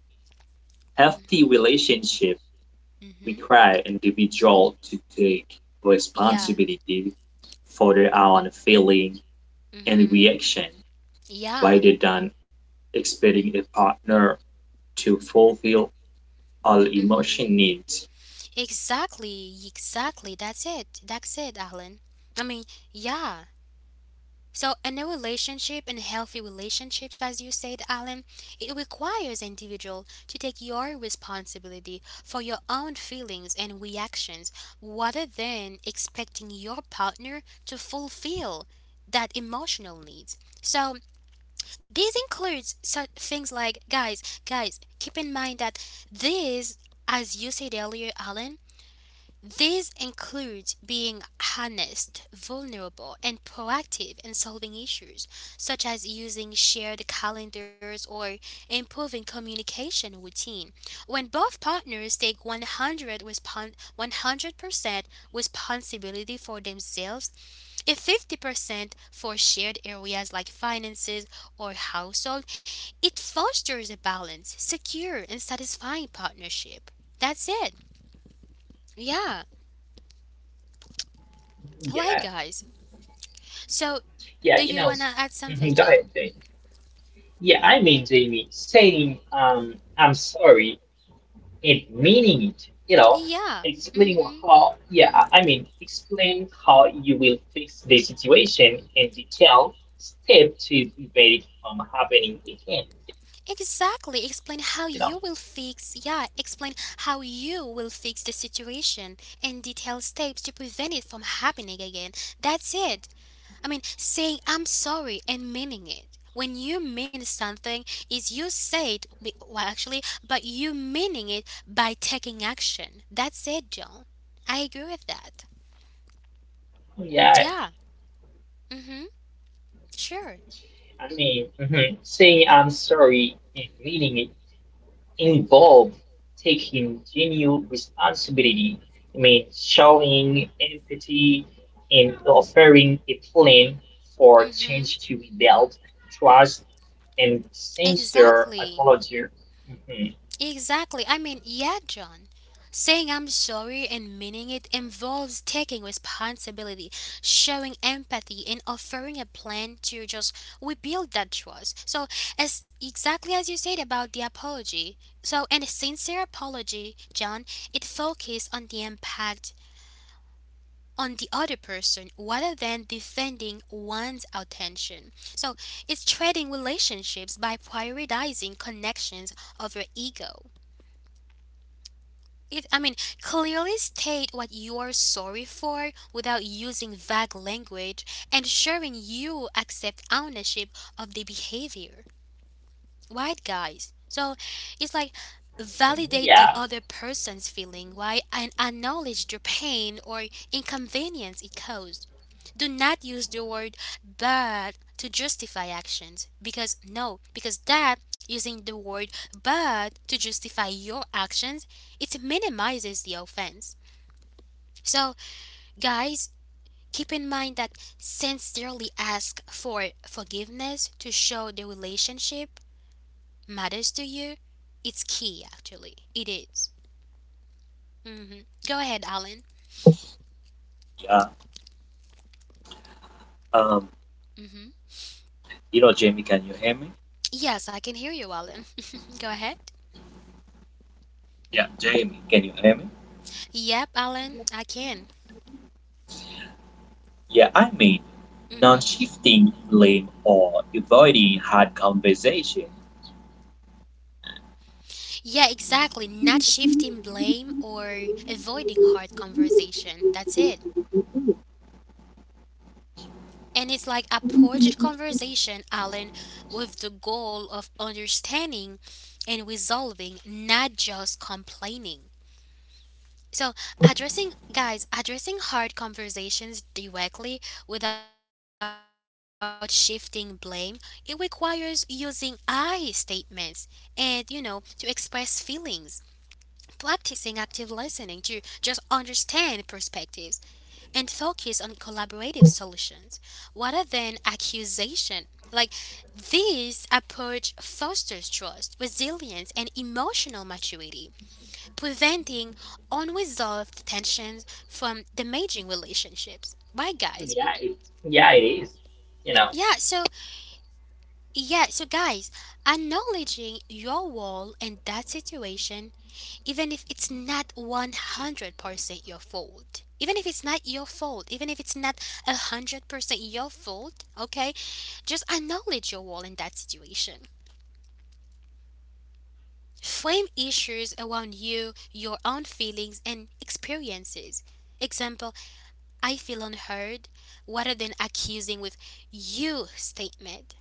S3: healthy
S1: Mm-hmm.
S3: relationship
S1: Mm-hmm.
S3: require individual to take
S1: Yeah.
S3: responsibility for their own feeling and
S1: Mm-hmm.
S3: reaction
S1: Yeah.
S3: rather than expecting a partner to fulfill all
S1: Mm-hmm.
S3: emotion needs.
S1: Exactly. Exactly. That's it. That's it, Alan. I mean, yeah. So, in a new relationship and healthy relationships, as you said, Alan, it requires individual to take your responsibility for your own feelings and reactions, rather than expecting your partner to fulfill that emotional needs. So, this includes such things like, guys, keep in mind that this, as you said earlier, Alan, this includes being honest, vulnerable, and proactive in solving issues, such as using shared calendars or improving communication routine. When both partners take 100% responsibility for themselves and 50% for shared areas like finances or household, it fosters a balanced, secure, and satisfying partnership. That's it. Yeah. All right,
S2: yeah,
S1: guys. So,
S2: yeah.
S1: do you wanna add something,
S2: Go
S1: John?
S2: ahead, Jamie. Yeah, I mean, Jamie, saying I'm sorry it meaning it,
S1: Yeah.
S2: explaining
S1: Mm-hmm.
S2: how, explain how you will fix the situation in detail step to prevent it from happening again,
S1: Exactly. Explain how you will fix. Yeah. Explain how you will fix the situation and detail steps to prevent it from happening again. That's it. I mean, saying I'm sorry and meaning it. When you mean something, is you say it well, actually, but you meaning it by taking action. That's it, John. I agree with that.
S2: yeah,
S1: Yeah. Mm-hmm. Sure.
S2: saying I'm sorry and meaning involve taking genuine responsibility, I mean, showing empathy and offering a plan for change
S1: Mm-hmm.
S2: to rebuild trust and censor
S1: Exactly.
S2: apology. Mhm,
S1: Exactly. I mean, yeah, John. Saying I'm sorry and meaning it involves taking responsibility, showing empathy, and offering a plan to just rebuild that trust. So, as exactly as you said about the apology, so and a sincere apology, John, it focuses on the impact on the other person rather than defending one's attention. So it's trading relationships by prioritizing connections over ego. It, I mean, clearly state what you're sorry for without using vague language, ensuring you accept ownership of the behavior, right guys? So it's like
S2: mhm.
S1: validate the
S2: Yeah,
S1: other person's feeling, right, and acknowledge the pain or inconvenience it caused. Do not use the word bad to justify actions because no, because that using the word bad to justify your actions it minimizes the offense. So guys, keep in mind that sincerely ask for forgiveness to show the relationship matters to you, it's key actually. It is. Mm-hmm. Go ahead, Alan.
S3: Yeah. Um.
S1: Mm-hmm.
S3: You know, Jamie, can you hear me?
S1: Yes, I can hear you, Alan. Go ahead.
S3: Yeah, Jamie, can you hear me?
S1: Yep, Alan, I can.
S3: Yeah, I mean, non
S1: Hmm.
S3: shifting blame or avoiding hard conversation.
S1: Yeah, exactly. Not shifting blame or avoiding hard conversation. That's it. And it's like approached conversation, Alan, with the goal of understanding and resolving, not just complaining. So, addressing, guys, addressing hard conversations directly without shifting blame, it requires using I statements and, to express feelings, practicing active listening to just understand perspectives and focus on collaborative solutions rather than accusation. Like, this approach fosters trust, resilience, and emotional maturity, preventing unresolved tensions from damaging relationships. Right, guys?
S2: yeah, it, yeah, it is. You know,
S1: Yeah, so, yeah, so guys, acknowledging your role in that situation, even if it's not 100% your fault, even if it's not your fault, even if it's not 100% your fault, okay, just acknowledge your role in that situation. Frame issues around you, your own feelings, and experiences. Example, I feel unheard, rather than accusing with you statement.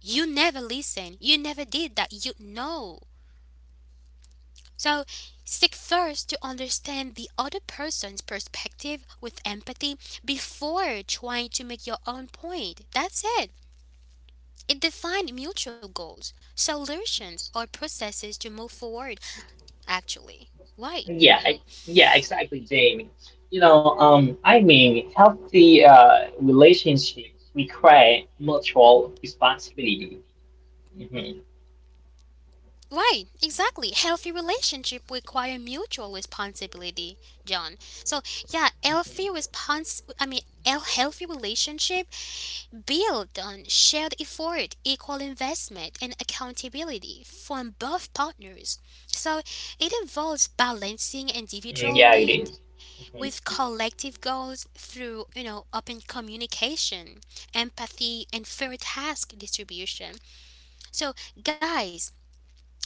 S1: You never listen. You never did that. So seek first to understand the other person's perspective with empathy before trying to make your own point. That's it. It defines mutual goals, solutions, or processes to move forward, actually. Why?
S2: yeah, I, yeah, exactly, Jamie. I mean, healthy relationship require mutual responsibility. Mhm.
S1: Right, exactly. Healthy relationship require mutual responsibility, John. So yeah, healthy response. I mean, a healthy relationship built on shared effort, equal investment, and accountability from both partners. So it involves balancing
S2: Mm.
S1: individual
S2: Yeah, it
S1: need
S2: is. Mhm.
S1: with collective goals through open communication, empathy, and fair task distribution. So guys,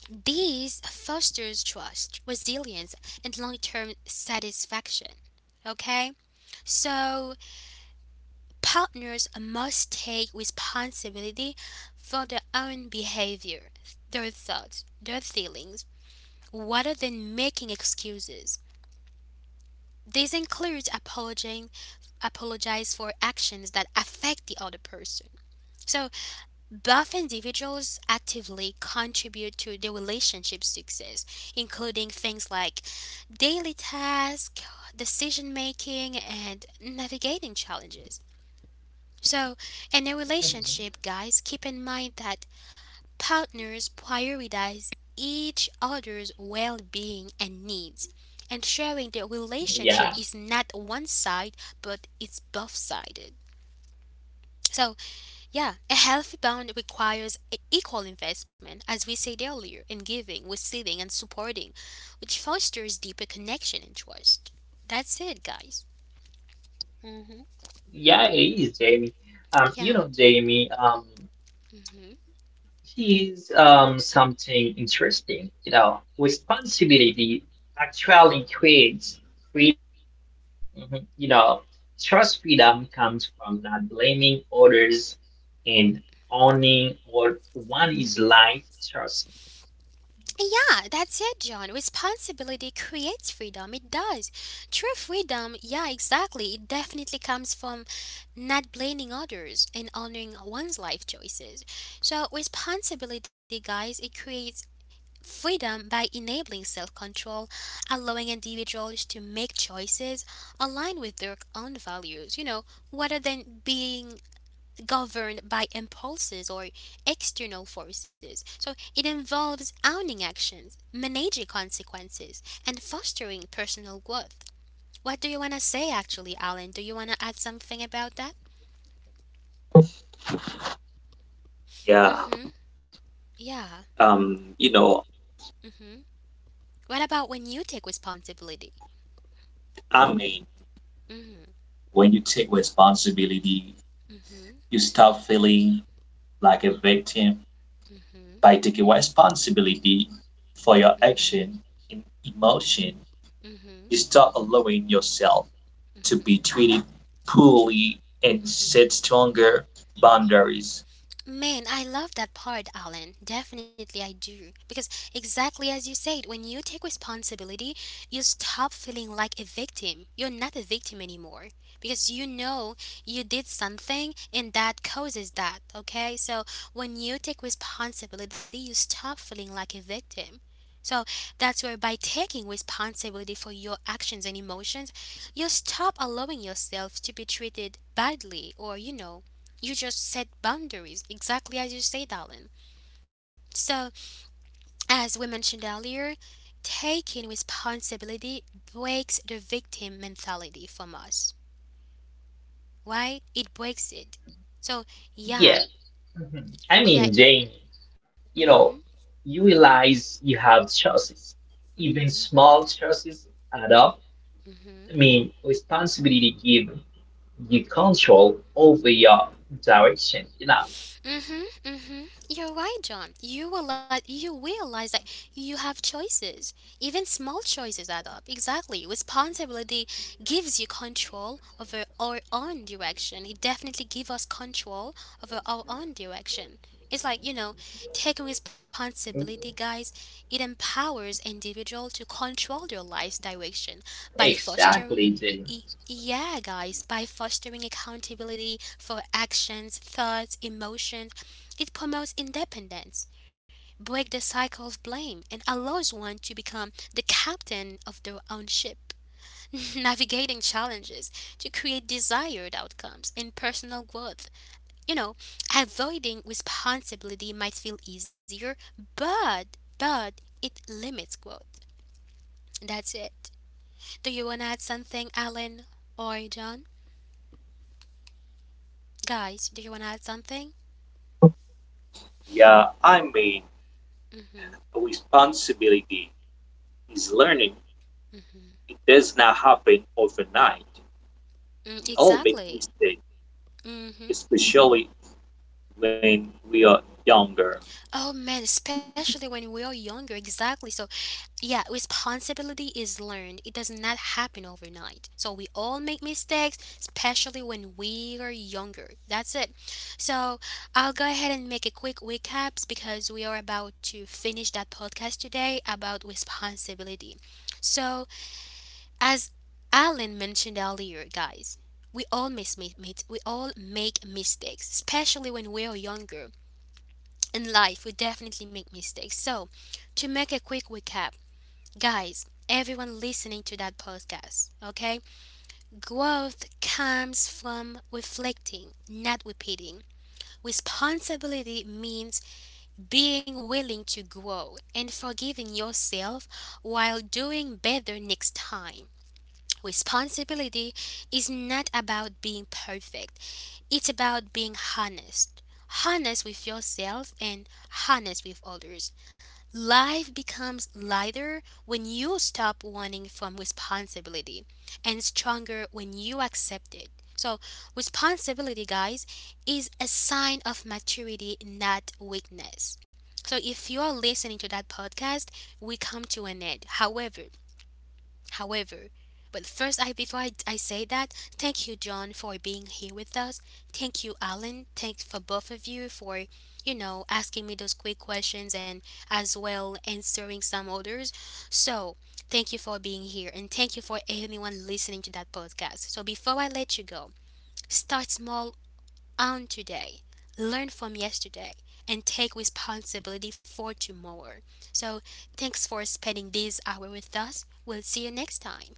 S1: this fosters trust, resilience, and long term satisfaction. Okay? So, partners must take responsibility for their own behavior, their thoughts, their feelings, rather than making excuses. This includes apologizing apologize for actions that affect the other person. So both individuals actively contribute to the relationship success, including things like daily tasks, decision making, and navigating challenges. So, in a relationship, guys, keep in mind that partners prioritize each other's well being and needs, ensuring the
S2: Yeah,
S1: relationship is not one side but it's both sided. So, yeah, a healthy bond requires equal investment, as we said earlier, in giving, receiving, and supporting, which fosters deeper connection and trust. That's it, guys. hmm
S2: yeah, it is, Jamie.
S1: Yeah.
S2: Jamie,
S1: hmm
S2: he's something interesting. Responsibility actually creates free. Mhm. Trust freedom comes from not blaming others and owning what one is life choice.
S1: Yeah, that's it, John. Responsibility creates freedom. It does. True freedom, yeah, exactly. It definitely comes from not blaming others and honoring one's life choices. So, responsibility, guys, it creates freedom by enabling self control, allowing individuals to make choices aligned with their own values, rather than being governed by impulses or external forces. So it involves owning actions, managing consequences, and fostering personal growth. What do you want to say, actually, Alan? Do you want to add something about that? Mm
S3: Yeah,
S1: hmm. Yeah.
S3: you know,
S1: Mm hmm. What about when you take responsibility?
S3: I mean,
S1: Mm
S3: when you take responsibility,
S1: hmm. Mm hmm.
S3: you stop feeling like a victim
S1: Mm hmm.
S3: by taking responsibility for
S1: Mm
S3: your
S1: hmm.
S3: action and emotion. You
S1: Mhm.
S3: stop allowing yourself to be
S1: Mhm.
S3: treated poorly and set
S1: Mhm.
S3: stronger boundaries.
S1: Man, I love that part, Alan. Definitely I do. Because exactly as you said, when you take responsibility, you stop feeling like a victim. You're not a victim anymore because you know you did something and that causes that, okay? So, when you take responsibility, you stop feeling like a victim. So that's where by taking responsibility for your actions and emotions, you stop allowing yourself to be treated badly or, you just set boundaries, exactly as you said, Alan. So, as we mentioned earlier, taking responsibility breaks the victim mentality from us, right? It breaks it. So, yeah,
S2: Yeah. Mhm. I
S1: yeah,
S2: mean, Jamie.
S1: mm
S2: you
S1: hmm,
S2: know, you realize you have choices.
S1: mm
S2: Even
S1: hmm,
S2: small choices add up.
S1: mm hmm.
S2: I mean, responsibility gives you control over your direction.
S1: Mhm, mhm. You're right, John. You will let you realize that you have choices. Even small choices add up. Exactly. Responsibility gives you control over our own direction. It definitely gives us control over our own direction. It's like, taking responsibility, guys, it empowers individual to control their life's direction by fostering,
S2: Exactly, Jenny.
S1: yeah guys by fostering accountability for actions, thoughts, emotions. It promotes independence, breaks the cycle of blame, and allows one to become the captain of their own ship, navigating challenges to create desired outcomes and personal growth. You know, avoiding responsibility might feel easier, but it limits growth. That's it. Do you want to add something, Alan or John? Guys, do you want to add something?
S3: Yeah, I mean,
S1: Mm-hmm.
S3: responsibility is learning.
S1: Mm-hmm.
S3: It does not happen overnight.
S1: Mm,
S3: We all make
S1: exactly.
S3: mistakes,
S1: Mm-hmm.
S3: especially when we are younger.
S1: Oh man, especially when we are younger, exactly. So, yeah, responsibility is learned. It does not happen overnight. So, we all make mistakes, especially when we are younger. That's it. So, I'll go ahead and make a quick recaps because we are about to finish that podcast today about responsibility. So, as Alan mentioned earlier, guys, we all miss, mi- mi- we all make mistakes, especially when we are younger. In life we definitely make mistakes. So, to make a quick recap, guys, everyone listening to that podcast, okay? Growth comes from reflecting, not repeating. Responsibility means being willing to grow and forgiving yourself while doing better next time. Responsibility is not about being perfect, it's about being honest with yourself and honest with others. Life becomes lighter when you stop running from responsibility and stronger when you accept it. So, responsibility, guys, is a sign of maturity, not weakness. So, if you are listening to that podcast, we come to an end. However, but first, I before I say that, thank you, John, for being here with us. Thank you, Alan. Thanks for both of you for, asking me those quick questions and as well answering some others. So, thank you for being here and thank you for anyone listening to that podcast. So, before I let you go, start small on today, learn from yesterday, and take responsibility for tomorrow. So, thanks for spending this hour with us. We'll see you next time.